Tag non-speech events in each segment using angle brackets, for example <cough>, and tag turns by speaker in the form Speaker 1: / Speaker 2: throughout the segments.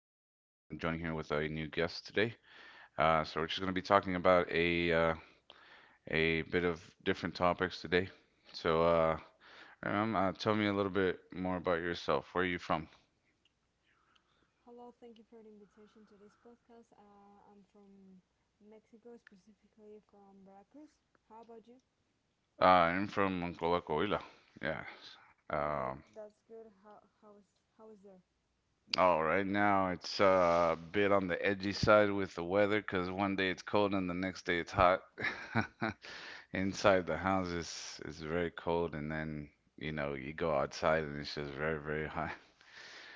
Speaker 1: I'm joining here with a new guest today. So we're just going to be talking about a bit of different topics today. So, uh, Tell me a little bit more about yourself. Where are you from?
Speaker 2: Hello, thank you for the invitation to this podcast. I'm from Mexico, specifically from Veracruz. How about you?
Speaker 1: I'm from Monclova, yeah.
Speaker 2: Oh, that
Speaker 1: Um,
Speaker 2: that's good. How is how is there?
Speaker 1: oh, right now it's a bit on the edgy side with the weather because one day it's cold and the next day it's hot. <laughs> Inside the house is very cold, and then you go outside and it's just very hot,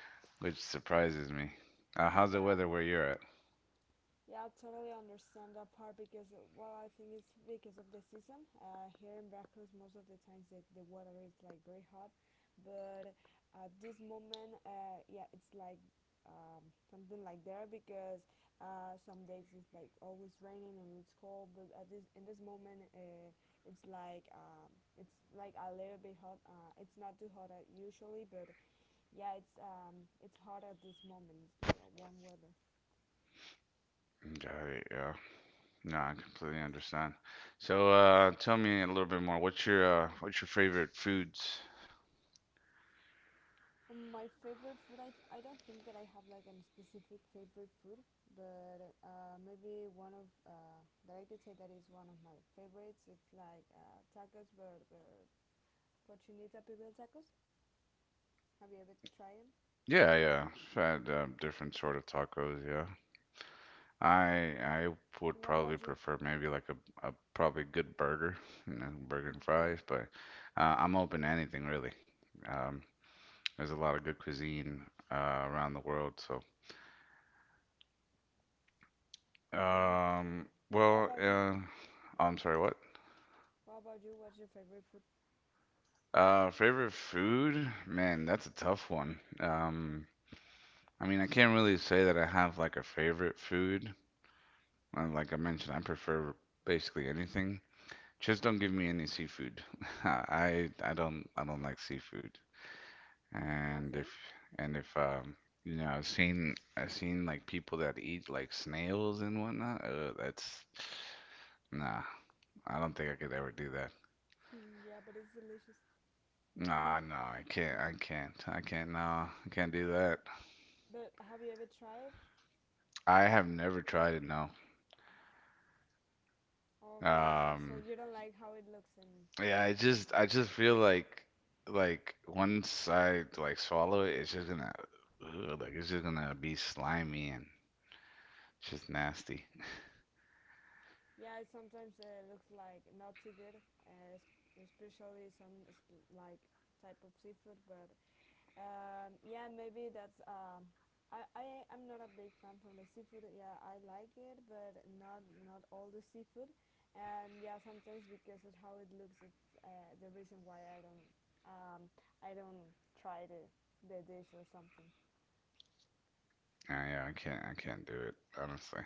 Speaker 1: <laughs> which surprises me. How's the
Speaker 2: Yeah.
Speaker 1: weather where you're at?
Speaker 2: Yeah, I totally understand that part because, well, I think it's because of the season. Here in Veracruz, most of the times the water is like very hot, but at this moment, yeah, it's like something like there because some days it's like always raining and it's cold, but at this in this moment, it's like um, it's like a little bit hot. It's not too hot usually, but yeah, it's hot at this moment. It's like a warm weather.
Speaker 1: Got it. Yeah. No, I completely understand. So, tell me a little bit more. What's your favorite foods?
Speaker 2: My favorite food, I don't think that I have like a specific favorite food, but maybe one of that I could say that is one of my favorites. It's like tacos, but cochinita pibil tacos. Have you ever tried them?
Speaker 1: Yeah, yeah. I've had different sort of tacos. Yeah. I would
Speaker 2: And what
Speaker 1: probably
Speaker 2: about you? <laughs>
Speaker 1: prefer maybe like a probably good burger, you know, burger
Speaker 2: Oh,
Speaker 1: and
Speaker 2: yeah.
Speaker 1: fries. But I'm open to anything really. Um, There's a lot of good cuisine around the world.
Speaker 2: Um,
Speaker 1: Um,
Speaker 2: what
Speaker 1: well,
Speaker 2: about you?
Speaker 1: uh, I'm sorry, what?
Speaker 2: What about you? What's your favorite food?
Speaker 1: Favorite food? Man, that's a tough one. I mean, I can't really say that I have like a favorite food. Like I mentioned, I prefer basically anything. Just don't give me any seafood. <laughs> I don't like seafood. And if
Speaker 2: Nothing? <laughs>
Speaker 1: and if you know I've seen like people that eat like snails and whatnot. That's Nah, I don't think I could ever do that.
Speaker 2: Hmm, yeah, but it's delicious.
Speaker 1: Nah, no, I can't. I
Speaker 2: <laughs>
Speaker 1: can't. I can't. No, I can't do that.
Speaker 2: But have you ever tried?
Speaker 1: I have never tried it. No.
Speaker 2: Okay, so
Speaker 1: Um,
Speaker 2: you don't like how it looks and
Speaker 1: yeah,
Speaker 2: everything.
Speaker 1: I just
Speaker 2: Okay.
Speaker 1: feel like once I like swallow it, it's just gonna, ugh, like it's just gonna be slimy and it's just nasty.
Speaker 2: Yeah, it sometimes looks like not too good, especially like type of seafood. But yeah, maybe that's. I am not a big fan from the seafood. Yeah, I like it, but not all the seafood. And yeah, sometimes because of how it looks, it's the reason why um, I don't try the dish or something.
Speaker 1: Yeah, I can't. I can't do it. Honestly.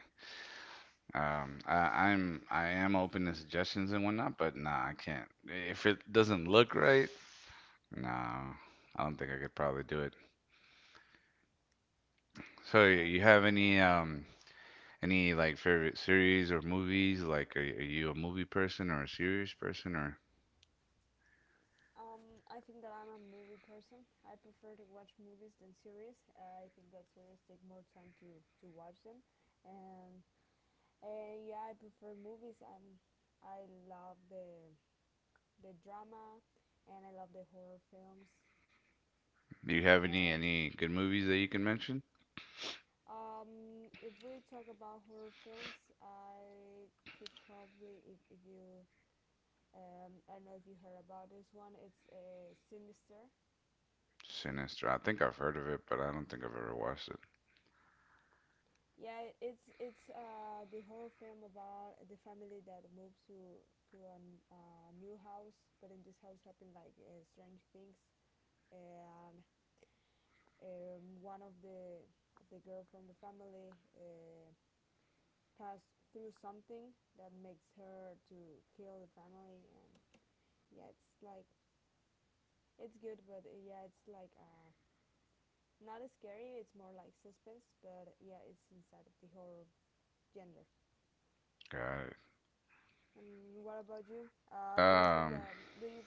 Speaker 1: I, I'm. I am open to suggestions and whatnot, but nah, I can't. If it doesn't look right, no, I don't think I could probably do it. So
Speaker 2: Yeah, I
Speaker 1: you have
Speaker 2: completely understand you.
Speaker 1: any like favorite series or movies? Like, are you a movie person or a series person, or
Speaker 2: I think that I'm a movie person. I prefer to watch movies than series. I think that series take more time to watch them, and and yeah, I prefer movies. I'm I love the drama, and I love the horror films.
Speaker 1: do you have any
Speaker 2: Uh,
Speaker 1: good movies that you can mention?
Speaker 2: if we talk about horror films, I could probably if you I don't know if you heard about this one. It's Sinister.
Speaker 1: Sinister. I think I've heard of it, but I don't think I've ever watched it.
Speaker 2: Yeah, it's the horror film about the family that moves to a new house, but in this house happen like strange things, and one of the girl from the family passed through something that makes her to kill the family, and yeah, it's good, but yeah, it's like not as scary. It's more like suspense, but yeah, it's inside of the horror gender.
Speaker 1: Got it.
Speaker 2: And what about you? Do you think
Speaker 1: Um,
Speaker 2: that do you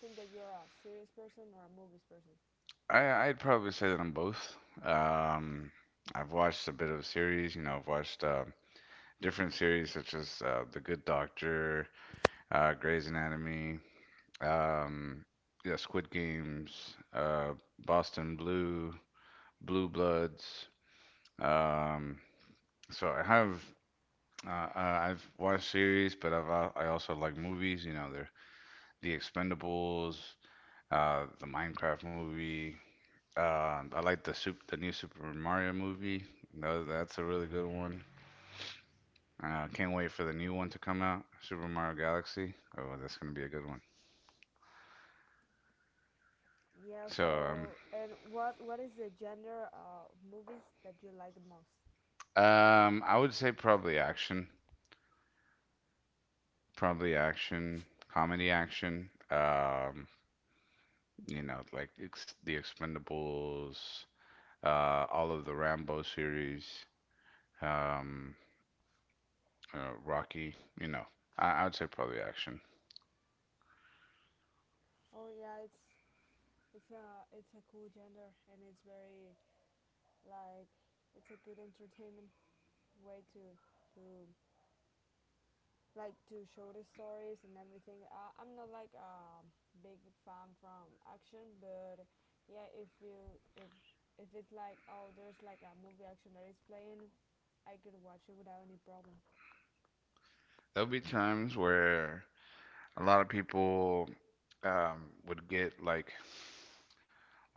Speaker 2: think that you're a serious person or a movies person?
Speaker 1: I'd probably say that I'm both. Um, I've watched a bit of series. You know, I've watched different series such as The Good Doctor, Grey's Anatomy. Um, yeah, Squid Games, Boston Blue, Blue Bloods. Um, so I have uh, uh, I've watched series, but I also like movies. You know, they're The Expendables, the Minecraft movie. I like the new Super Mario movie. Tha- that's a really good one. Can't wait for the new one to come out, Super Mario Galaxy. Oh, that's gonna be a good one.
Speaker 2: Yeah.
Speaker 1: So um,
Speaker 2: So, and what is the genre of movies that you like the most?
Speaker 1: I would say probably action. Probably action, comedy action. You know, like ex the Expendables, all of the Rambo series, um, Rocky. You know, I would say probably action.
Speaker 2: Oh yeah, it's a it's a cool genre and it's very like it's a good entertainment way to like to show the stories and everything. I'm not like a big fan from action, but yeah, if it's like oh there's like a movie action that is playing, I could watch it without any problem.
Speaker 1: There'll be times where a lot of people would get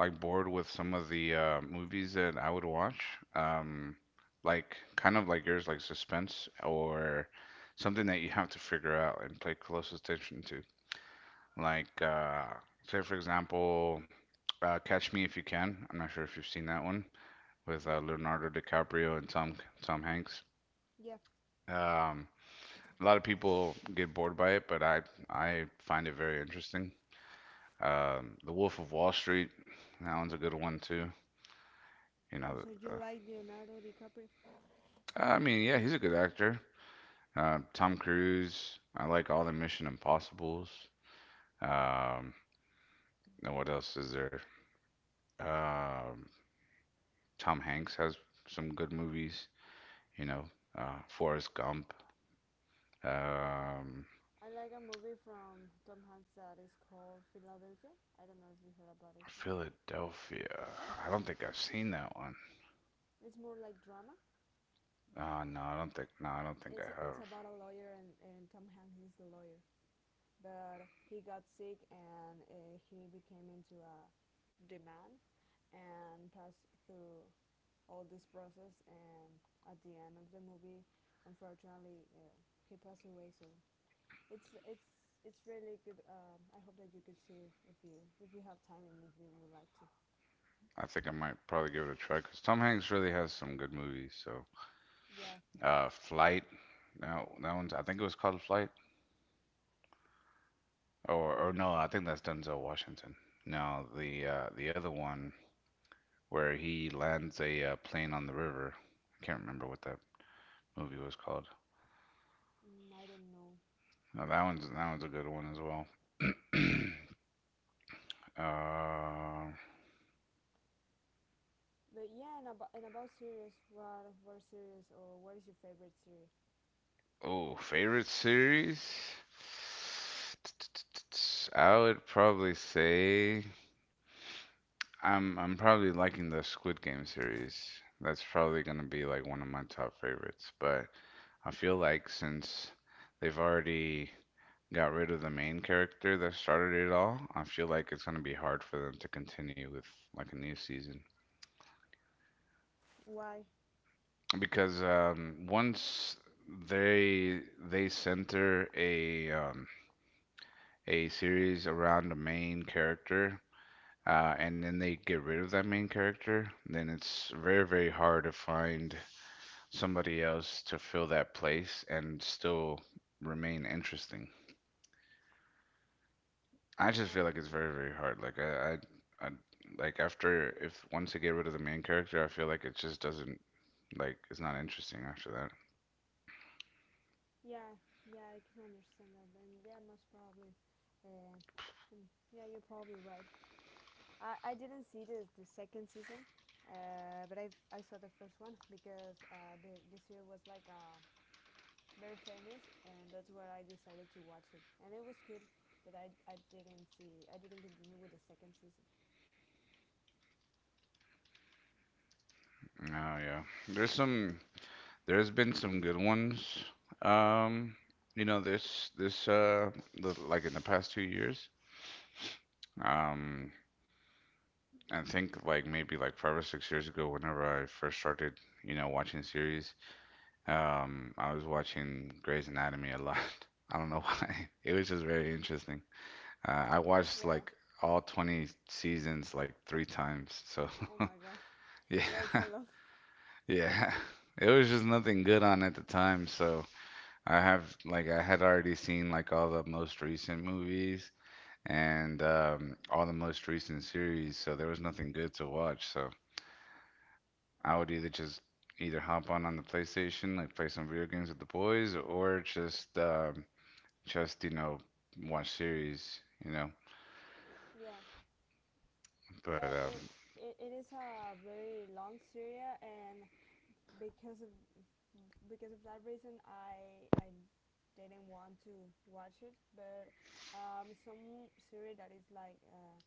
Speaker 1: like bored with some of the movies that I would watch. Um, like kind of like yours, like suspense or something that you have to figure out and pay close attention to. Like, say for example, Catch Me If You Can. I'm not sure if you've seen that one with
Speaker 2: Yeah,
Speaker 1: Leonardo DiCaprio and Tom Hanks.
Speaker 2: yeah.
Speaker 1: Um, a lot of people get bored by it, but I find it very interesting. The Wolf of Wall Street. That one's a good one too. You know,
Speaker 2: Also, you
Speaker 1: uh,
Speaker 2: like Leonardo DiCaprio?
Speaker 1: I mean, yeah, he's a good actor. Tom Cruise. I like all the Mission Impossibles. Um, and what else is there? Um, Tom Hanks has some good movies. You know, Forrest Gump,
Speaker 2: Yeah,
Speaker 1: um,
Speaker 2: I like a movie from Tom Hanks that is called Philadelphia. I don't know if you heard about this one.
Speaker 1: Philadelphia. I don't think I've seen that one.
Speaker 2: It's more like drama.
Speaker 1: No, I don't think
Speaker 2: It's
Speaker 1: I
Speaker 2: it's
Speaker 1: have.
Speaker 2: about a lawyer and Tom Hanks is the lawyer. But he got sick and he became into a demand and passed through all this process and at the end of the movie unfortunately he passed away so it's it's it's really good I hope that you could see it if you have time and if you would like to.
Speaker 1: I think I might probably give it a try because Tom Hanks really has some good movies. So,
Speaker 2: Yeah.
Speaker 1: Flight. No, that one's. I think it was called Flight. Or no, I
Speaker 2: mm,
Speaker 1: think that's Denzel Washington. No, the other one where he lands a plane on the river. I can't remember what that movie was called.
Speaker 2: I don't know.
Speaker 1: No, that one's a good one as well. <clears throat> Uh,
Speaker 2: But yeah, and about series, what series or what is your favorite series?
Speaker 1: oh, favorite series? I would probably say I'm probably liking the Squid Game series. That's probably gonna be like one of my top favorites. But I feel like since they've already got rid of the main character that started it all, I feel like it's gonna be hard for them to continue with like a new season.
Speaker 2: Why?
Speaker 1: Because once they they center a series around the main character, and then they get rid of that main character, then it's very, very hard to find somebody else to fill that place and still remain interesting. I just
Speaker 2: Oh,
Speaker 1: feel like it's
Speaker 2: no.
Speaker 1: very, very hard. Like I like after if once they get rid of the main character, I feel like it just doesn't it's not interesting after that.
Speaker 2: Yeah, yeah, I can understand that, and yeah, most probably, uh, and yeah, you're probably right. I didn't see the second season, but I saw the first one because the series was like very famous, and that's where I decided to watch it, and it was good, but I didn't continue with the second season.
Speaker 1: Oh yeah, there's some there's been some good ones. Um, you know, like in the past 2 years. Um, I think like maybe like 5 or 6 years ago, whenever I first started, you know, watching series, I was watching Grey's Anatomy a lot. <laughs> I don't know why. <laughs> It was just very interesting. I watched
Speaker 2: Yeah.
Speaker 1: like all 20 seasons like three times. So
Speaker 2: Oh my god.
Speaker 1: <laughs> yeah,
Speaker 2: <laughs> Yeah, it's a lot.
Speaker 1: <laughs> yeah. It was just nothing good on at the time, so I have like I had already seen like all the most recent movies and all the most recent series, so there was nothing good to watch. So I would either just either hop on the PlayStation, like play some video games with the boys, or just you know watch series, you know.
Speaker 2: Yeah.
Speaker 1: But
Speaker 2: Yeah. It. It is a very long series and because of because of that reason, I didn't want to watch it. But some series that is like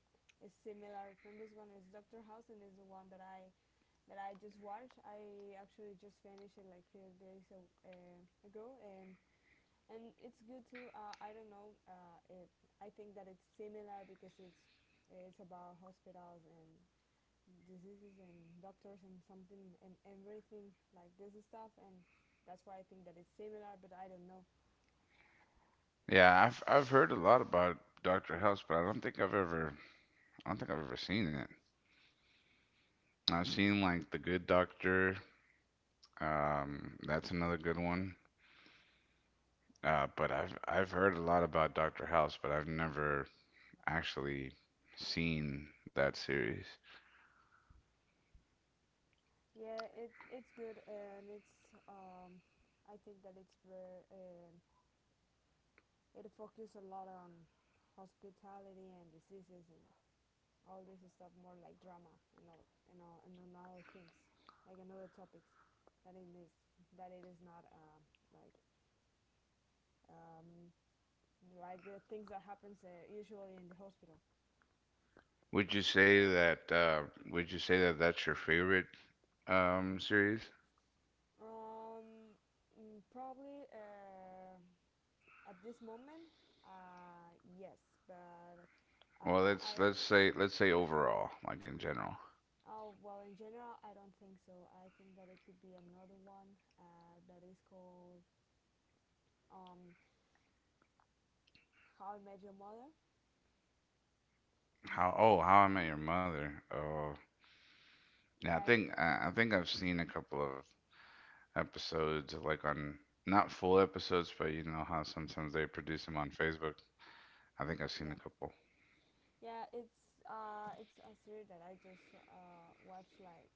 Speaker 2: is similar from this one is Doctor House, and is the one that I just watched. I actually just finished it like few days uh, ago, and it's good too. I don't know. If I think that it's similar because it's about hospitals and diseases and doctors and something and everything like this stuff and that's why I think that it's similar but I don't know.
Speaker 1: yeah, I've heard a lot about Doctor House, but I don't think I've ever seen it. I've seen like The Good Doctor. That's another good one. But I've heard a lot about Doctor House, but I've never actually seen that series.
Speaker 2: Yeah, it's good and it's I think that it's where it focuses a lot on hospitality and diseases and all this stuff, more like drama, and all and all and on other things like another topics that it is that it is not like um like the things that happens usually in the hospital.
Speaker 1: Would you say that that's your favorite series?
Speaker 2: Um, mm, probably at this moment, yes, but
Speaker 1: Well,
Speaker 2: I.
Speaker 1: let's say overall, like in general.
Speaker 2: Oh well, in general, I don't think so. I think that it could be another one that is called um, "How I Met Your Mother."
Speaker 1: How I Met Your Mother. Oh, yeah,
Speaker 2: Yeah, it's
Speaker 1: I think I've seen a couple of episodes like on not full episodes, but you know how sometimes they produce them on Facebook. I think I've seen
Speaker 2: yeah,
Speaker 1: a couple.
Speaker 2: yeah. It's a series that I just watched like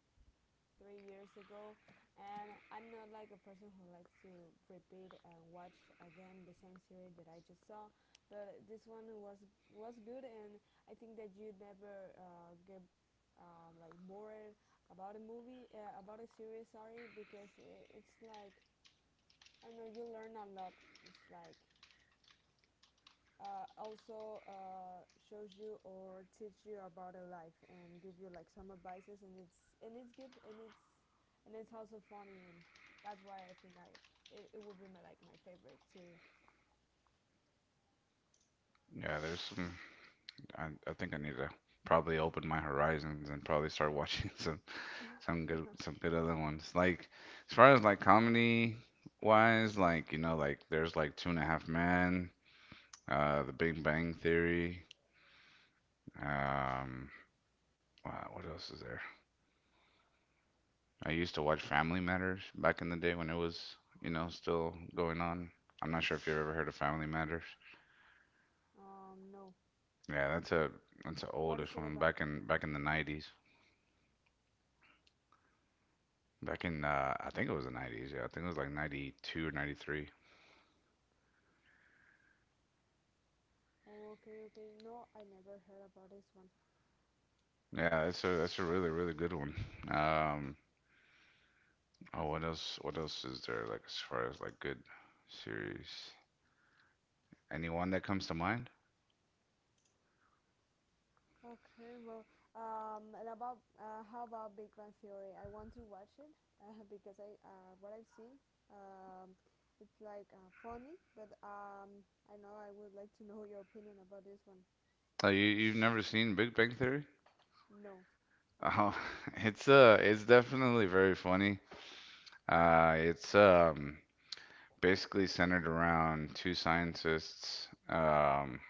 Speaker 2: 3 years ago, and I'm not like a person who likes to repeat and watch again the same series that I just saw. But this one was good, and I think that you never get like bored about a movie about a series. Sorry, because it's like I don't know, you learn a lot. It's like also shows you or teach you about a life and give you like some advices and it's good and it's also funny and that's why I think I it, it will be my like my favorite series.
Speaker 1: Yeah, there's some I think I need to probably open my horizons and probably start watching <laughs> some
Speaker 2: <laughs>
Speaker 1: some good other ones. Like as far as like comedy wise, like you know, like there's like Two and a Half Men, The Big Bang Theory. Um, wow, what else is there? I used to watch Family Matters back in the day when it was you know still going on. I'm not sure if you've ever heard of Family Matters.
Speaker 2: Um, no.
Speaker 1: Yeah, that's a that's an
Speaker 2: What
Speaker 1: oldish
Speaker 2: is it
Speaker 1: one
Speaker 2: about?
Speaker 1: back in the '90s. Back in, I think it was the '90s. Yeah, I think it was like 92 or 93.
Speaker 2: Oh, okay, okay, no, I never heard about this one.
Speaker 1: Yeah, that's a really really good one. Um, oh, what else? What else is there? Like as far as like good series, anyone that comes to mind?
Speaker 2: Okay, well, and about how about Big Bang Theory? I want to watch it <laughs> because I what I've seen, um, it's like funny, but I know I would like to <laughs> know your opinion about this one.
Speaker 1: Oh, you you've never seen Big Bang Theory?
Speaker 2: No,
Speaker 1: Oh, <laughs> it's definitely very funny. It's basically centered around two scientists,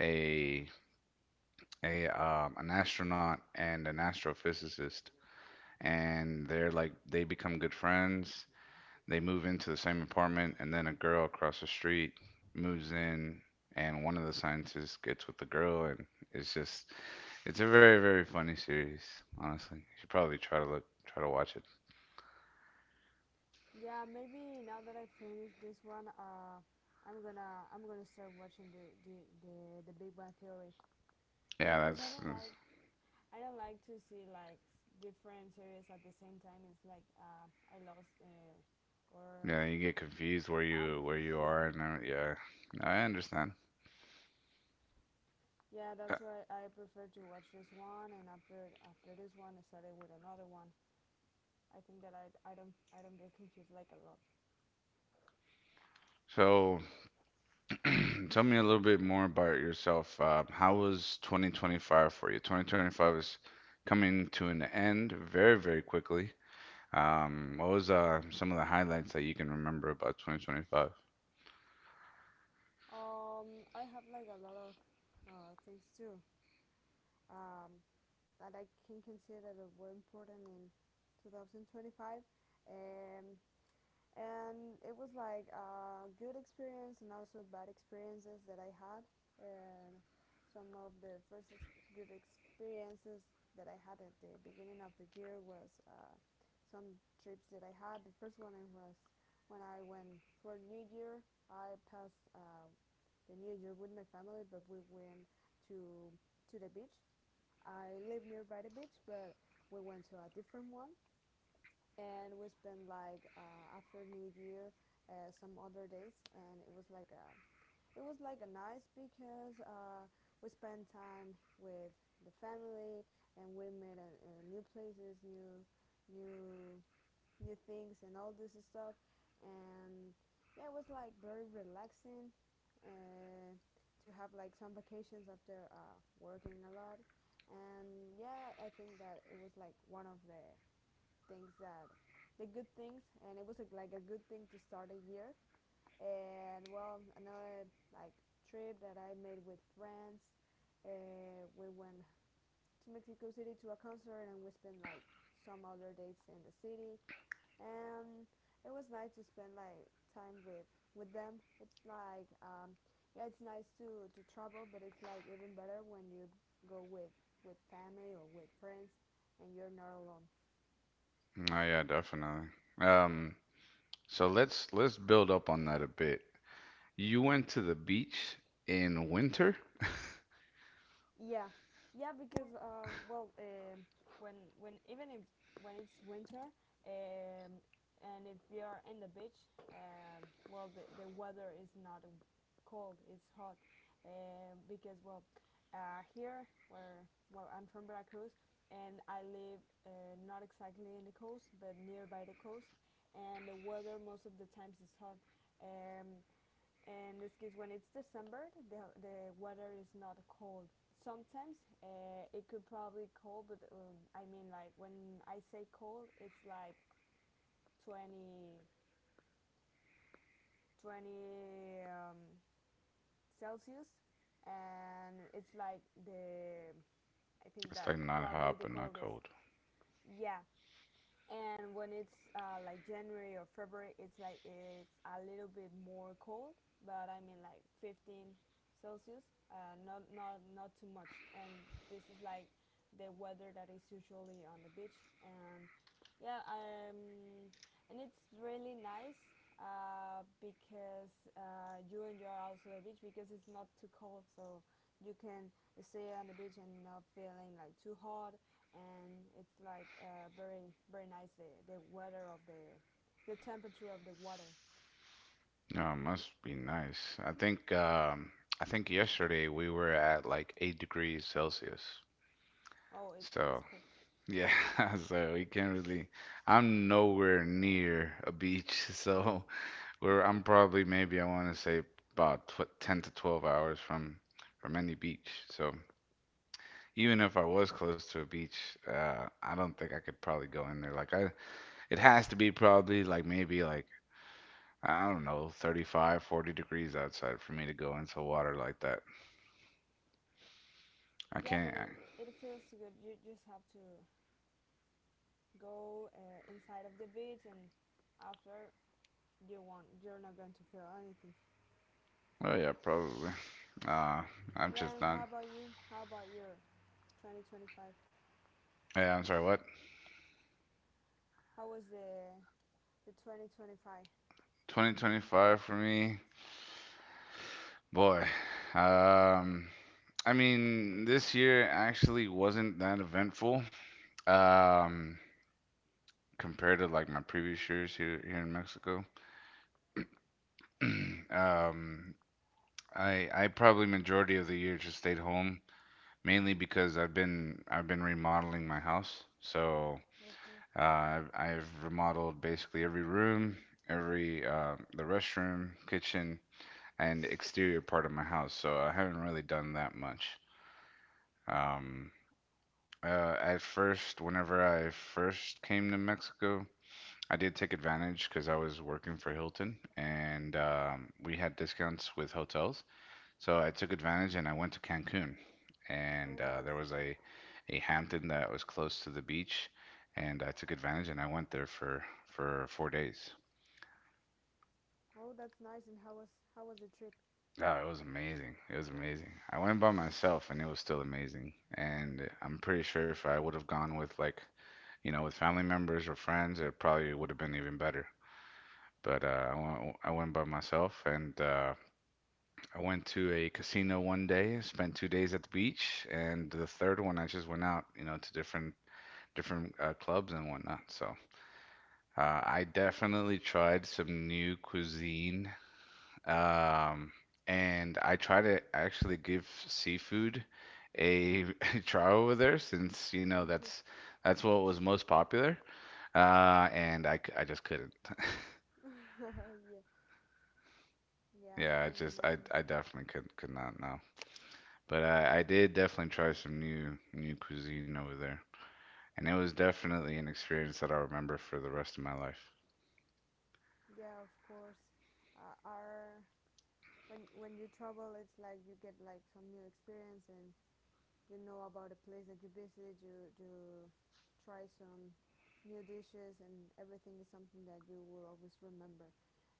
Speaker 1: a a an astronaut and an astrophysicist. And they're like they become good friends. They move into the same apartment, and then a girl across the street moves in, and one of the scientists gets with the girl, and it's just it's a very very funny series. Honestly, you should probably try to look try to watch it.
Speaker 2: yeah, maybe now that I finished this one, I'm gonna start watching the Big Bang Theory. Yeah,
Speaker 1: Yeah,
Speaker 2: because
Speaker 1: that's
Speaker 2: I don't like to see like different series at the same time. It's like I lost or
Speaker 1: yeah. You get confused where
Speaker 2: I'm
Speaker 1: you
Speaker 2: yeah
Speaker 1: are, and yeah, I understand.
Speaker 2: yeah
Speaker 1: Uh,
Speaker 2: that's why I prefer to watch this one and after this one I started with another one. I think that I don't get confused like a lot.
Speaker 1: So <clears throat> tell me a little bit more about yourself. How was 2025 for you? 2025 is coming to an end very, very quickly. What was some of the highlights that you can remember about 2025?
Speaker 2: I have like a lot of things too um, that I can consider that were important in 2025. Um, and it was like a good experience and also bad experiences that I had and some of the first good experiences that I had at the beginning of the year was some trips that I had. The first one was when I went for New Year. I passed the New Year with my family but we went to to the beach. I live nearby the beach but we went to a different one and we spent like after New Year some other days, and it was like a nice because we spent time with the family and we made a, uh, new places, new new things, and all this stuff, and yeah, it was like very relaxing. Uh, to have like some vacations after working a lot and yeah I think that it was like one of things that the good things, and it was a, like a good thing to start a year. And well, another like trip that I made with friends. We went to Mexico City to a concert, and we spent like some other dates in the city. And it was nice to spend like time with them. It's like yeah, it's nice to travel, but it's like even better when you go with family or with friends, and you're not alone.
Speaker 1: Oh yeah, definitely. Um, so let's build up on that a bit. You went to the beach in winter?
Speaker 2: Yeah, yeah, because well, when even if when it's winter, um, and if we are in the beach, well, the weather is not cold; it's hot, because well, here where well I'm from Veracruz, and I live not exactly in the coast, but nearby the coast, and the weather most of the times is hot. Um, in this case when it's December the weather is not cold sometimes. It could probably cold but I mean like when I say cold it's like twenty twenty um, Celsius. And it's like the, I think
Speaker 1: It's
Speaker 2: that
Speaker 1: like not hot
Speaker 2: probably the
Speaker 1: but not
Speaker 2: coldest.
Speaker 1: cold.
Speaker 2: Yeah, and when it's like January or February, it's like it's a little bit more cold, but I mean like 15 Celsius, not too much. And this is like the weather that is usually on the beach, and yeah, and it's really nice because you enjoy also the beach because it's not too cold, so you can stay on the beach and not feeling like too hot. And it's like very very nice the weather of the temperature of the water.
Speaker 1: No, it must be nice. I think yesterday we were at like 8 degrees Celsius.
Speaker 2: Oh, it is
Speaker 1: So
Speaker 2: cool.
Speaker 1: yeah, <laughs> so we can't really. I'm nowhere near a beach, <laughs> so we're. I'm probably maybe I want to say about tw 10 to 12 hours from any beach. So even if I was close to a beach, I don't think I could probably go in there. It has to be probably like maybe like I don't know, 35, 40 degrees outside for me to go into water like that. I
Speaker 2: Yeah, but
Speaker 1: can't.
Speaker 2: it feels good. You just have to go inside of the beach, and after you want you're not going to feel anything.
Speaker 1: Well, yeah, probably. Uh, I'm
Speaker 2: Yeah,
Speaker 1: just
Speaker 2: and
Speaker 1: not.
Speaker 2: how about you, how about your 2025?
Speaker 1: Yeah, I'm sorry. What?
Speaker 2: How was the 2025?
Speaker 1: 2025 for me. Boy, um, I mean, this year actually wasn't that eventful, um, compared to like my previous years here in Mexico. <clears throat> Um, I probably majority of the year just stayed home, mainly because I've been remodeling my house. So,
Speaker 2: Okay.
Speaker 1: I've remodeled basically every room, every the restroom, kitchen, and exterior part of my house. So I haven't really done that much. Um, at first, whenever I first came to Mexico, I did take advantage because I was working for Hilton, and we had discounts with hotels. So I took advantage and I went to Cancun. And
Speaker 2: Oh, nice.
Speaker 1: a Hampton that was close to the beach. And I took advantage and I went there for 4 days.
Speaker 2: Oh, that's nice. And how was, the trip?
Speaker 1: Oh, it was amazing. It was amazing. I went by myself and it was still amazing. And I'm pretty sure if I would have gone with you know, with family members or friends, it probably would have been even better. But I went by myself, and I went to a casino one day, spent 2 days at the beach, and the third one I just went out, you know, to different clubs and whatnot. So I definitely tried some new cuisine, um, and I try to actually give seafood a <laughs> try over there since you know that's
Speaker 2: <laughs>
Speaker 1: what was most popular. I just couldn't.
Speaker 2: Yeah, yeah, I
Speaker 1: Yeah, I
Speaker 2: can
Speaker 1: just
Speaker 2: imagine.
Speaker 1: I definitely could not know. But I did definitely try some new cuisine over there. And it was definitely an experience that I remember for the rest of my life.
Speaker 2: Yeah, of course. Our when you travel, it's like you get like some new experience and you know about a place that you visit. You try some new dishes, and everything is something that you will always remember.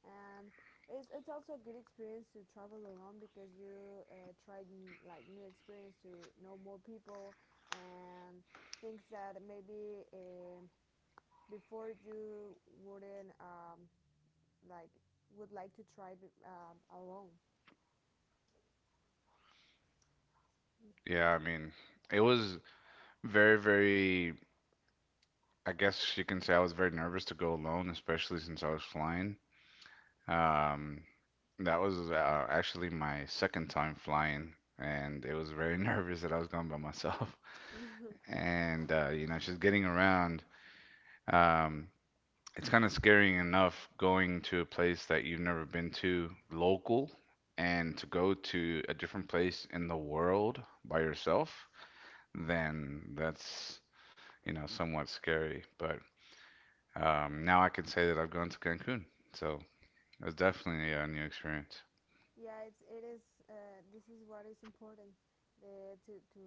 Speaker 2: And it's also a good experience to travel alone because you like new experience to know more people and things that maybe, before you wouldn't like would like to try alone.
Speaker 1: Yeah, I mean, it was very I guess you can say I was very nervous to go alone, especially since I was flying. Um that was actually my second time flying and it was very <laughs> nervous that I was going by myself.
Speaker 2: <laughs>
Speaker 1: And you know, just getting around um it's kind of scary enough going to a place that you've never been to local and to go to a different place in the world by yourself, then you know, somewhat scary. But now I can say that I've gone to Cancun. So it was definitely a new experience.
Speaker 2: Yeah, it is. This is what is important. The to to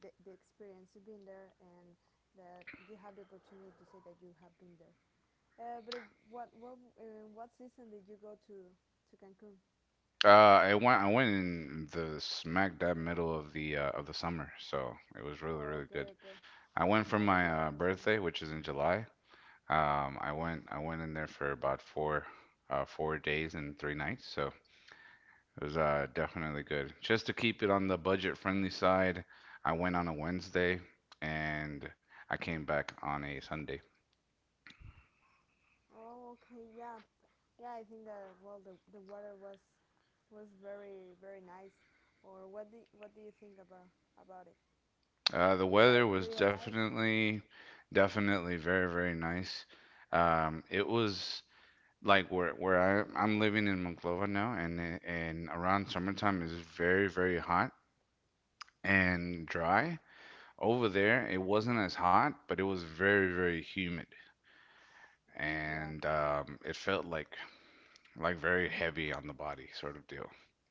Speaker 2: the experience of being there, and that you have the opportunity to say that you have been there. But what season did you go to Cancun?
Speaker 1: I went in the smack dab middle of the summer, so it was
Speaker 2: Oh,
Speaker 1: really
Speaker 2: okay,
Speaker 1: good.
Speaker 2: okay.
Speaker 1: I went for
Speaker 2: Yeah, the
Speaker 1: my
Speaker 2: water was cool.
Speaker 1: birthday, which is in July. I went in there for about 4 days and 3 nights, so it was definitely good. Just to keep it on the budget friendly side, I went on a Wednesday and I came back on a Sunday.
Speaker 2: Oh, okay, yeah, yeah. I think that well, the water was very very nice. Or what do you think about it?
Speaker 1: The
Speaker 2: Do you like?
Speaker 1: weather
Speaker 2: Do
Speaker 1: was
Speaker 2: you like?
Speaker 1: definitely very nice. It was like where I'm living in Monclova now, and around summertime is very hot and dry. Over there, it wasn't as hot, but it was very, very humid,
Speaker 2: Yeah.
Speaker 1: and it felt like very
Speaker 2: If
Speaker 1: heavy on the body sort of deal.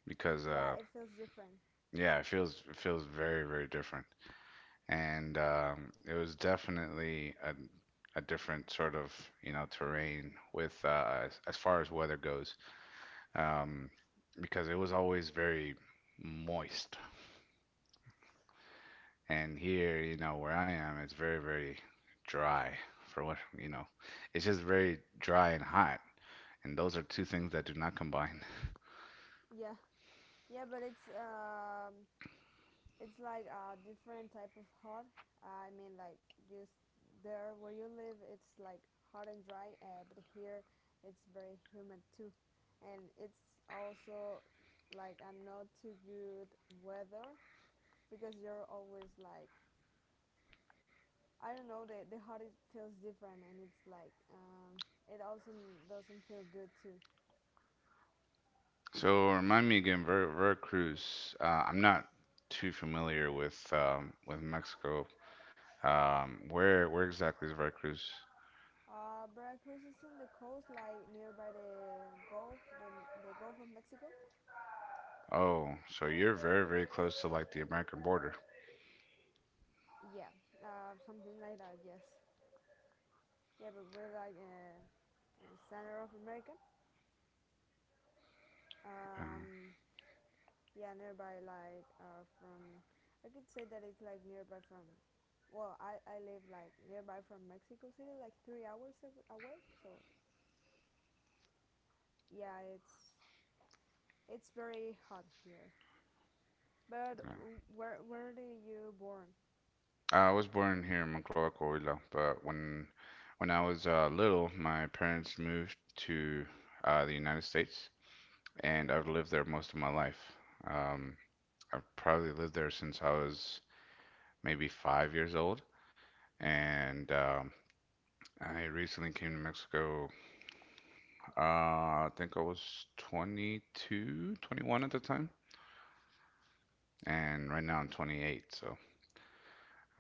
Speaker 1: Because
Speaker 2: Yeah, it feels different.
Speaker 1: yeah, it feels very, very different, and it was definitely a different sort of you know terrain with as far as weather goes, um, because it was always very moist. And here, you know, where I am, it's very, very dry for what, you know, it's just very dry and hot. And those are two things that do not combine.
Speaker 2: Yeah, yeah, but it's like a different type of hot. I mean, like just there where you live, it's like hot and dry. But here, it's very humid too, and it's also like a not too good weather because you're always like, I don't know. The hot is feels different, and it's like it also doesn't feel good too.
Speaker 1: So remind me again, Veracruz. I'm not too familiar with Mexico. Where exactly is Veracruz?
Speaker 2: Veracruz is in the coast, like nearby the Gulf, the Gulf of Mexico.
Speaker 1: Oh, so you're very, very close to like the American border.
Speaker 2: Yeah, something like that. Yes. Yeah, but we're like in the center of America.
Speaker 1: Um,
Speaker 2: Um, yeah, nearby like from. I could say that it's like nearby from. Well, I live like nearby from Mexico City, like 3 hours away. So yeah, it's very hot here. But
Speaker 1: uh,
Speaker 2: where do you born?
Speaker 1: I was born here in Monclova, Coahuila, but when I was little, my parents moved to the United States, and
Speaker 2: Oh,
Speaker 1: I've
Speaker 2: okay.
Speaker 1: lived there most of my life. Um, I've probably lived there since I was maybe 5 years old, and I recently came to Mexico. Uh, I think I was 22, 21 at the time, and right now I'm 28. So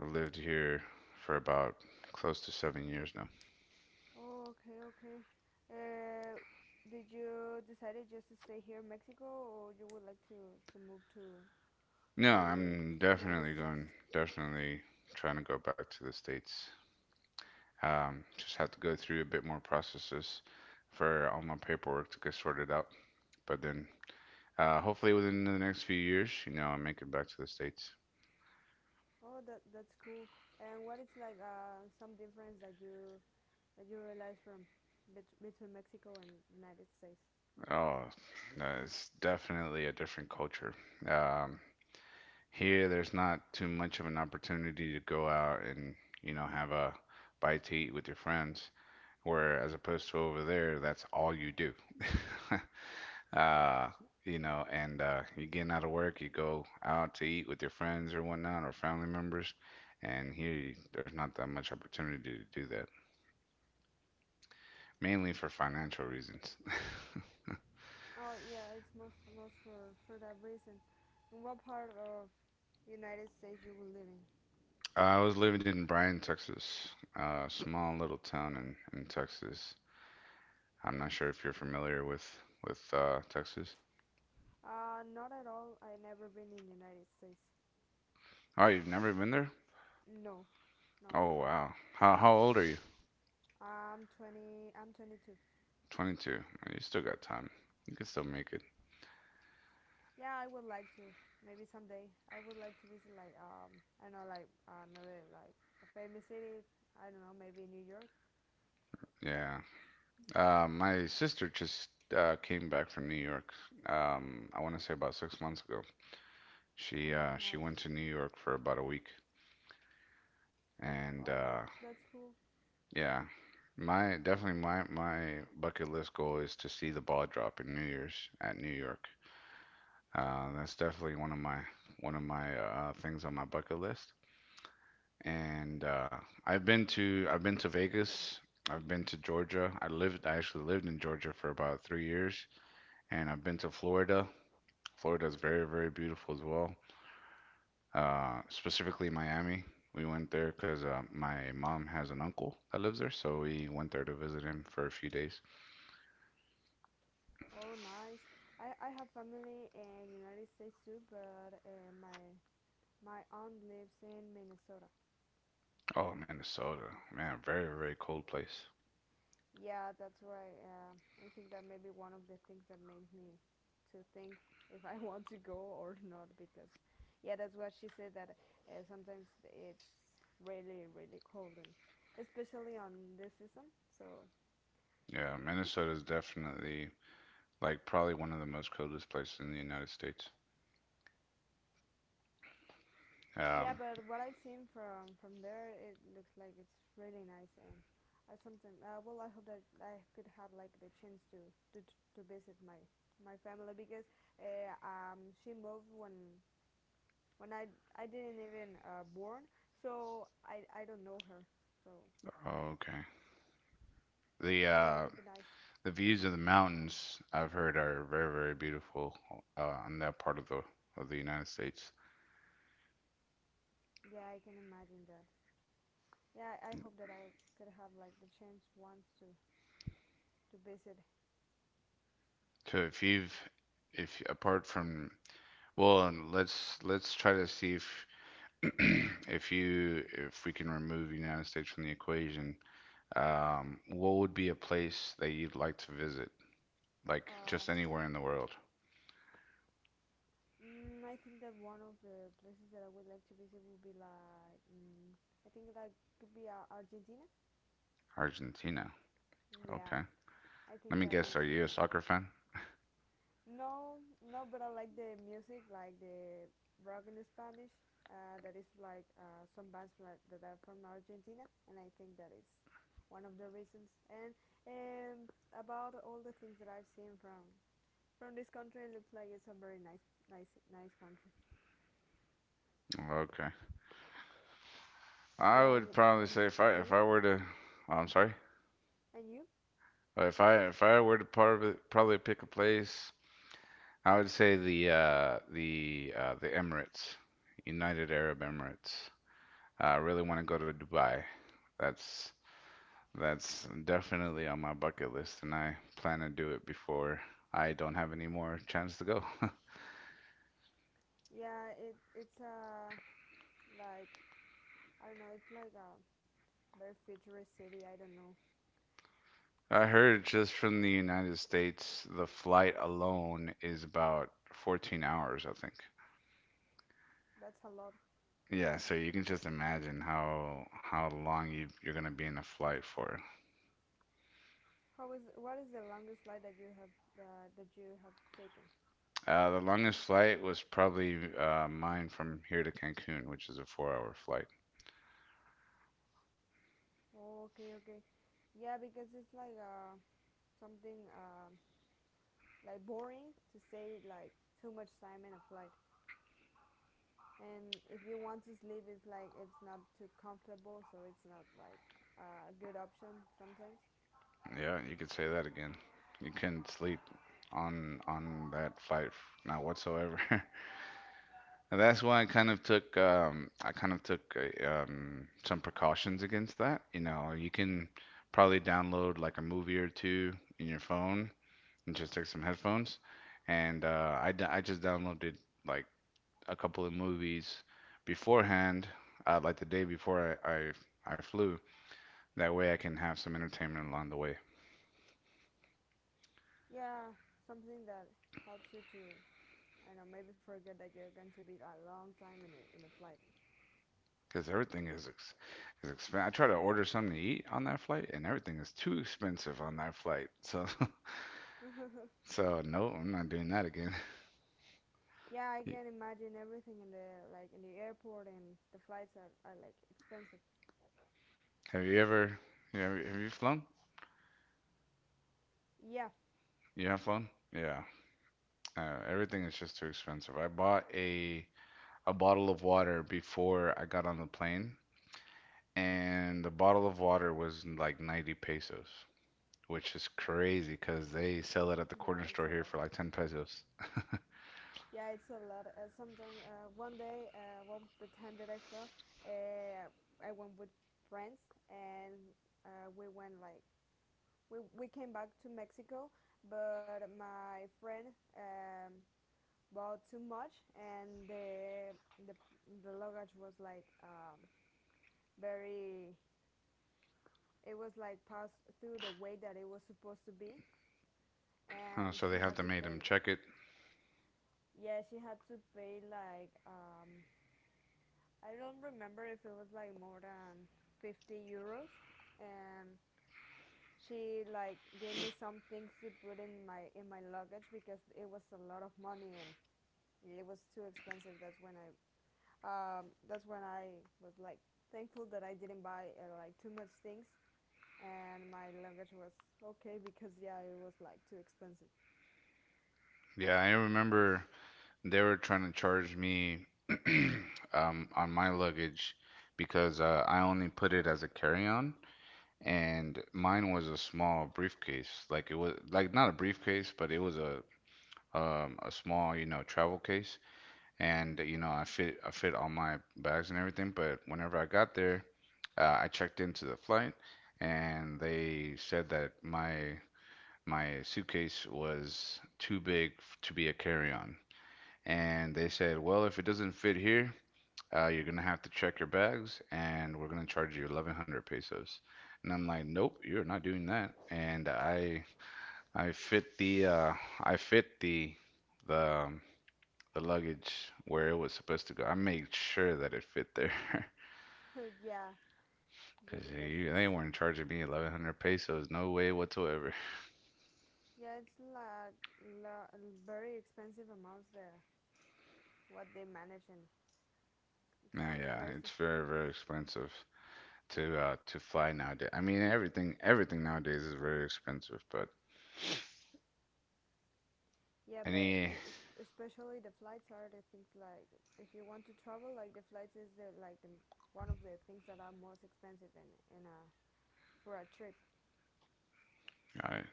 Speaker 1: I've lived here for about close to 7 years now.
Speaker 2: Oh, okay, okay. Uh, did you decided just to stay here in Mexico, or you would like to move to
Speaker 1: No,
Speaker 2: to
Speaker 1: I'm
Speaker 2: United
Speaker 1: definitely
Speaker 2: States?
Speaker 1: going, definitely trying to go back to the States. Just have to go through a bit more processes for all my paperwork to get sorted out. But then, hopefully within the next few years, you know, I'll make it back to the States.
Speaker 2: Oh, that's cool. And what is like some difference that you realize from between Mexico and United States?
Speaker 1: Oh, no, it's definitely a different culture. Um, Here, there's not too much of an opportunity to go out and, you know, have a bite to eat with your friends, where as opposed to over there, that's all you do. <laughs> uh, you know, and you're getting out of work, you go out to eat with your friends or whatnot or family members, and there's not that much opportunity to do that, mainly for financial reasons. <laughs>
Speaker 2: Oh yeah, it's most for that reason. In what part of United States you will live in?
Speaker 1: I was living in Bryan, Texas, a small little town in Texas. I'm not sure if you're familiar with Texas.
Speaker 2: Not at all. I never been in United States.
Speaker 1: Oh, you've never been there?
Speaker 2: No, no,
Speaker 1: Oh,
Speaker 2: never.
Speaker 1: wow. How old are you?
Speaker 2: I'm 20. I'm 22.
Speaker 1: 22. Well, you still got time. You can still make it.
Speaker 2: Yeah, I would like to. Maybe someday I would like to visit like I don't know, like another like a famous city. I don't know, maybe New York.
Speaker 1: Yeah. My sister just came back from New York. I want to say about 6 months ago.
Speaker 2: Oh, that's
Speaker 1: She
Speaker 2: nice.
Speaker 1: went to New York for about a week, and
Speaker 2: Oh, that's cool.
Speaker 1: yeah, my definitely my bucket list goal is to see the ball drop in New Year's at New York. That's definitely one of my things on my bucket list. And I've been to Vegas. I've been to Georgia. I actually lived in Georgia for about 3 years, and I've been to Florida. Florida is very, very beautiful as well. Specifically Miami. We went there because my mom has an uncle that lives there, so we went there to visit him for a few days.
Speaker 2: Oh, nice. I have family in United States too, but my aunt lives in Minnesota.
Speaker 1: Oh, Minnesota, man, very, very cold place.
Speaker 2: Yeah, that's right. Yeah, I think that may be one of the things that made me to think <laughs> if I want to go or not because, yeah, that's what she said, that sometimes it's really really cold and especially on this season. So
Speaker 1: Yeah, Minnesota is definitely like probably one of the most coldest places in the United States.
Speaker 2: yeah,
Speaker 1: Um,
Speaker 2: but what I've seen from there, it looks like it's really nice. And I sometimes well, I hope that I could have like the chance to to visit my family because she moved when I didn't even born, so I don't know her. So
Speaker 1: okay. The
Speaker 2: yeah, it
Speaker 1: uh,
Speaker 2: could be nice.
Speaker 1: the views of the mountains I've heard are very, very beautiful on that part of the United States.
Speaker 2: Yeah, I can imagine that. Yeah, I hope that I could have like the chance once to visit.
Speaker 1: So if you've if apart from Well, and let's try to see if <clears throat> if you if we can remove United States from the equation. What would be a place that you'd like to visit? Like
Speaker 2: Uh,
Speaker 1: just anywhere in the world.
Speaker 2: I think that one of the places that I would like to visit would be like I think that could be Argentina.
Speaker 1: Argentina.
Speaker 2: Yeah,
Speaker 1: Okay.
Speaker 2: I
Speaker 1: Let
Speaker 2: think
Speaker 1: me
Speaker 2: that
Speaker 1: guess, are you a
Speaker 2: it's.
Speaker 1: soccer fan?
Speaker 2: No, no, but I like the music, like the rock in Spanish. That is like some bands that are from Argentina, and I think that is one of the reasons. And um, about all the things that I've seen from this country, it looks like it's a very nice, nice, nice country.
Speaker 1: Okay. I
Speaker 2: Yeah,
Speaker 1: would probably
Speaker 2: and,
Speaker 1: say
Speaker 2: and
Speaker 1: if
Speaker 2: you
Speaker 1: I were to, oh, I'm sorry.
Speaker 2: and you.
Speaker 1: If I were to probably pick a place, I would say the Emirates, United Arab Emirates. I really want to go to Dubai. That's that's definitely on my bucket list, and I plan to do it before I don't have any more chance to go.
Speaker 2: Yeah, it's like, I don't know, it's like a very futuristic city. I don't know.
Speaker 1: <laughs> I heard just from the United States, the flight alone is about 14 hours, I think.
Speaker 2: That's a lot.
Speaker 1: Yeah, so you can just imagine how long you're gonna be in a flight for.
Speaker 2: How is What is the longest flight that you have taken?
Speaker 1: The longest flight was probably mine from here to Cancun, which is a four-hour flight.
Speaker 2: Oh, okay, okay. Yeah, because it's like something like boring to say like too much time in a flight. And if you want to sleep, it's like it's not too comfortable, so it's not like a good option sometimes.
Speaker 1: Yeah, you could say that again. You couldn't sleep on that not whatsoever. <laughs> And that's why I kind of took some precautions against that. You know, you can probably download like a movie or two in your phone and just take some headphones. And I just downloaded like a couple of movies beforehand, like the day before I flew. That way I can have some entertainment along the way.
Speaker 2: Yeah, something that helps you to, I don't know, maybe forget that you're going to be a long time in a flight.
Speaker 1: Because everything is is expensive. I try to order something to eat on that flight, and everything is too expensive on that flight. So, <laughs>
Speaker 2: <laughs>
Speaker 1: so no, I'm not doing that again.
Speaker 2: Yeah, I can
Speaker 1: <laughs>
Speaker 2: imagine everything in the, like in the airport, and the flights are like expensive.
Speaker 1: Have you ever? Have you flown?
Speaker 2: Yeah,
Speaker 1: You have flown? Yeah. Everything is just too expensive. I bought a bottle of water before I got on the plane, and the bottle of water was like 90 pesos, which is crazy because they sell it at the corner
Speaker 2: yeah, it's
Speaker 1: store
Speaker 2: a
Speaker 1: here
Speaker 2: lot.
Speaker 1: for like 10 pesos.
Speaker 2: Yeah, it's a lot. Sometimes one day, well, the time that I fell, uh, I went with friends, and we went like we came back to Mexico, but my friend bought too much, and the the luggage was like very, it was like passed through the way that it was supposed to be, and
Speaker 1: So
Speaker 2: she
Speaker 1: they have
Speaker 2: had
Speaker 1: to
Speaker 2: to
Speaker 1: make them
Speaker 2: pay.
Speaker 1: check it.
Speaker 2: Yeah, she had to pay like I don't remember if it was like more than €50, and she like gave me some things to put in my luggage because it was a lot of money and it was too expensive. That's when I was like thankful that I didn't buy like too much things, and my luggage was okay because yeah it was like too expensive.
Speaker 1: Yeah, I remember they were trying to charge me <clears throat> on my luggage because I only put it as a carry-on, and mine was a small briefcase. Like it was like not a briefcase, but it was a small, travel case, and I fit all my bags and everything. But whenever I got there, I checked into the flight, and they said that my suitcase was too big to be a carry-on. And they said, well, if it doesn't fit here, you're gonna have to check your bags, and we're gonna charge you 1,100 pesos. And I'm like, nope, you're not doing that. And I fit the I fit the um, the luggage where it was supposed to go. I made sure that it fit there. <laughs>
Speaker 2: <laughs> Yeah, yeah,
Speaker 1: Because
Speaker 2: because it's
Speaker 1: they weren't charging me 1,100 pesos, no way whatsoever.
Speaker 2: yeah, it's like la- very expensive amounts, the what they manage, and it's
Speaker 1: Now,
Speaker 2: like
Speaker 1: yeah, it's
Speaker 2: crazy.
Speaker 1: very, very expensive to fly nowadays. I mean, everything nowadays is very expensive, but
Speaker 2: Yeah, but
Speaker 1: any...
Speaker 2: especially the flights are the things, like if you want to travel, like the flights is the like the one of the things that are most expensive in a for a trip.
Speaker 1: Got it.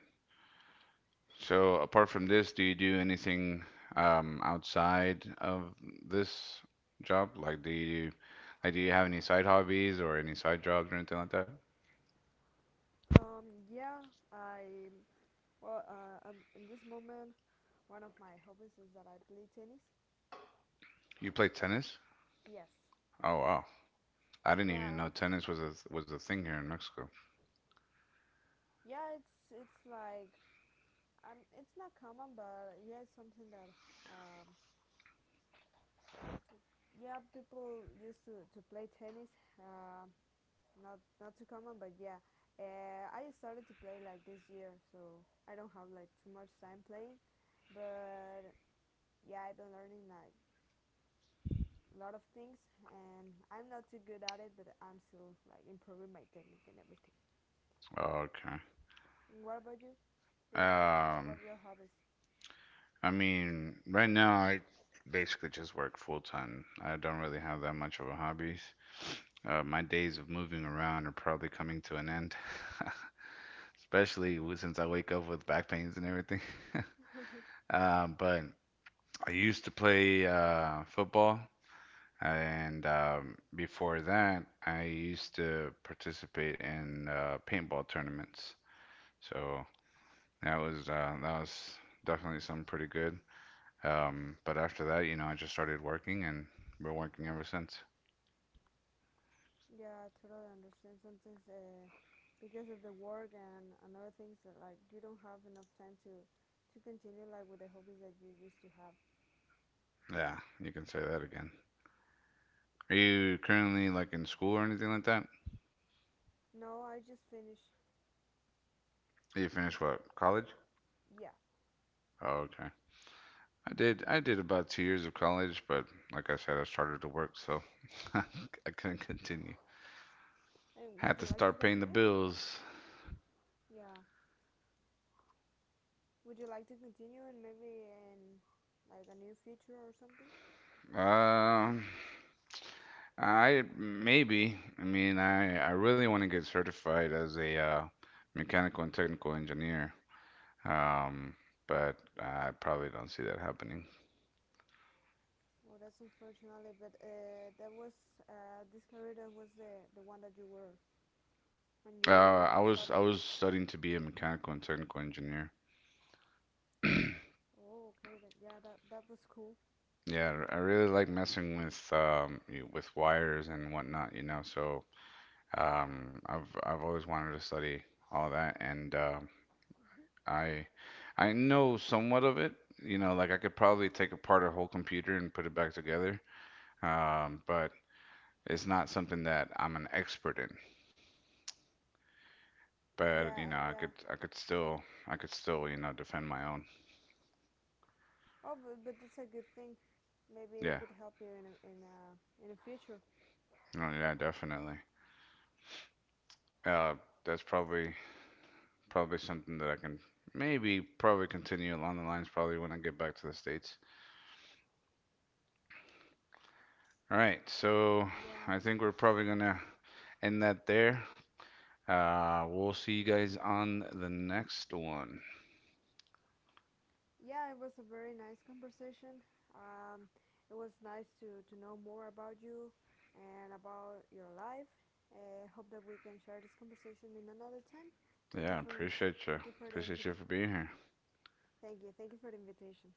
Speaker 1: So apart from this, do you do anything outside of this job? Like do you have any side hobbies or any side jobs or anything like that?
Speaker 2: Yeah, I well in this moment one of my hobbies is that I play tennis.
Speaker 1: You play tennis?
Speaker 2: Yes.
Speaker 1: Oh wow. I didn't even
Speaker 2: Yeah.
Speaker 1: know tennis was a thing here in Mexico.
Speaker 2: Yeah, it's like it's not common, but yeah, it's something that um, yeah, people used to play tennis. Uh, not too common, but yeah, I started to play like this year, so I don't have like too much time playing. But yeah, I've been learning like a lot of things, and I'm not too good at it, but I'm still like improving my technique and everything.
Speaker 1: Okay.
Speaker 2: And what about you? Do you like What
Speaker 1: Um,
Speaker 2: are your hobbies?
Speaker 1: I mean, right now I basically just work full time. I don't really have that much of a hobbies. My days of moving around are probably coming to an end. <laughs> Especially since I wake up with back pains and everything. <laughs>
Speaker 2: <laughs>
Speaker 1: But I used to play football, and before that, I used to participate in paintball tournaments. So that was definitely something pretty good. But after that, you know, I just started working, and been working ever since.
Speaker 2: Yeah, I totally understand. Sometimes because of the work and other things that, like, you don't have enough time to continue like with the hobbies that you used to have.
Speaker 1: Yeah, you can say that again. Are you currently like in school or anything like that?
Speaker 2: No, I just finished.
Speaker 1: You finished what, college?
Speaker 2: Yeah.
Speaker 1: Oh, okay. I did. I did about 2 years of college, but like I said, I started to work, so <laughs> I couldn't continue.
Speaker 2: And would
Speaker 1: Had
Speaker 2: you
Speaker 1: to
Speaker 2: like to
Speaker 1: start paying the
Speaker 2: continue?
Speaker 1: bills.
Speaker 2: Yeah. Would you like to continue and maybe in like a new future or something?
Speaker 1: Um, I maybe. I mean, I really want to get certified as a mechanical and technical engineer. Um, but I probably don't see that happening.
Speaker 2: Well, that's unfortunately, but that was this career that was the one that you were when you when
Speaker 1: I
Speaker 2: you
Speaker 1: was I
Speaker 2: started.
Speaker 1: was studying to be a mechanical and technical engineer. <clears throat>
Speaker 2: Oh, okay. Yeah, that was cool.
Speaker 1: Yeah, I really like messing with with wires and whatnot, you know. So... I've always wanted to study all of that, and I I know somewhat of it. You know, like I could probably take apart a whole computer and put it back together. But it's not something that I'm an expert in. But you
Speaker 2: Yeah,
Speaker 1: know, I
Speaker 2: yeah.
Speaker 1: could I could still I could still you know defend my own.
Speaker 2: Oh, but that's a good thing. Maybe it
Speaker 1: Yeah,
Speaker 2: could help you in the future.
Speaker 1: no, yeah, definitely. Uh, that's probably something that I can maybe probably continue along the lines probably when I get back to the States. All right, so
Speaker 2: Yeah,
Speaker 1: I think we're probably gonna end that there. We'll see you guys on the next one.
Speaker 2: yeah. It was a very nice conversation. Um, it was nice to know more about you and about your life. I hope that we can share this conversation in another time. Thank you
Speaker 1: Yeah,
Speaker 2: for sh-
Speaker 1: appreciate you.
Speaker 2: thank you for the
Speaker 1: Appreciate you
Speaker 2: invit-
Speaker 1: for being here.
Speaker 2: thank you for the invitation.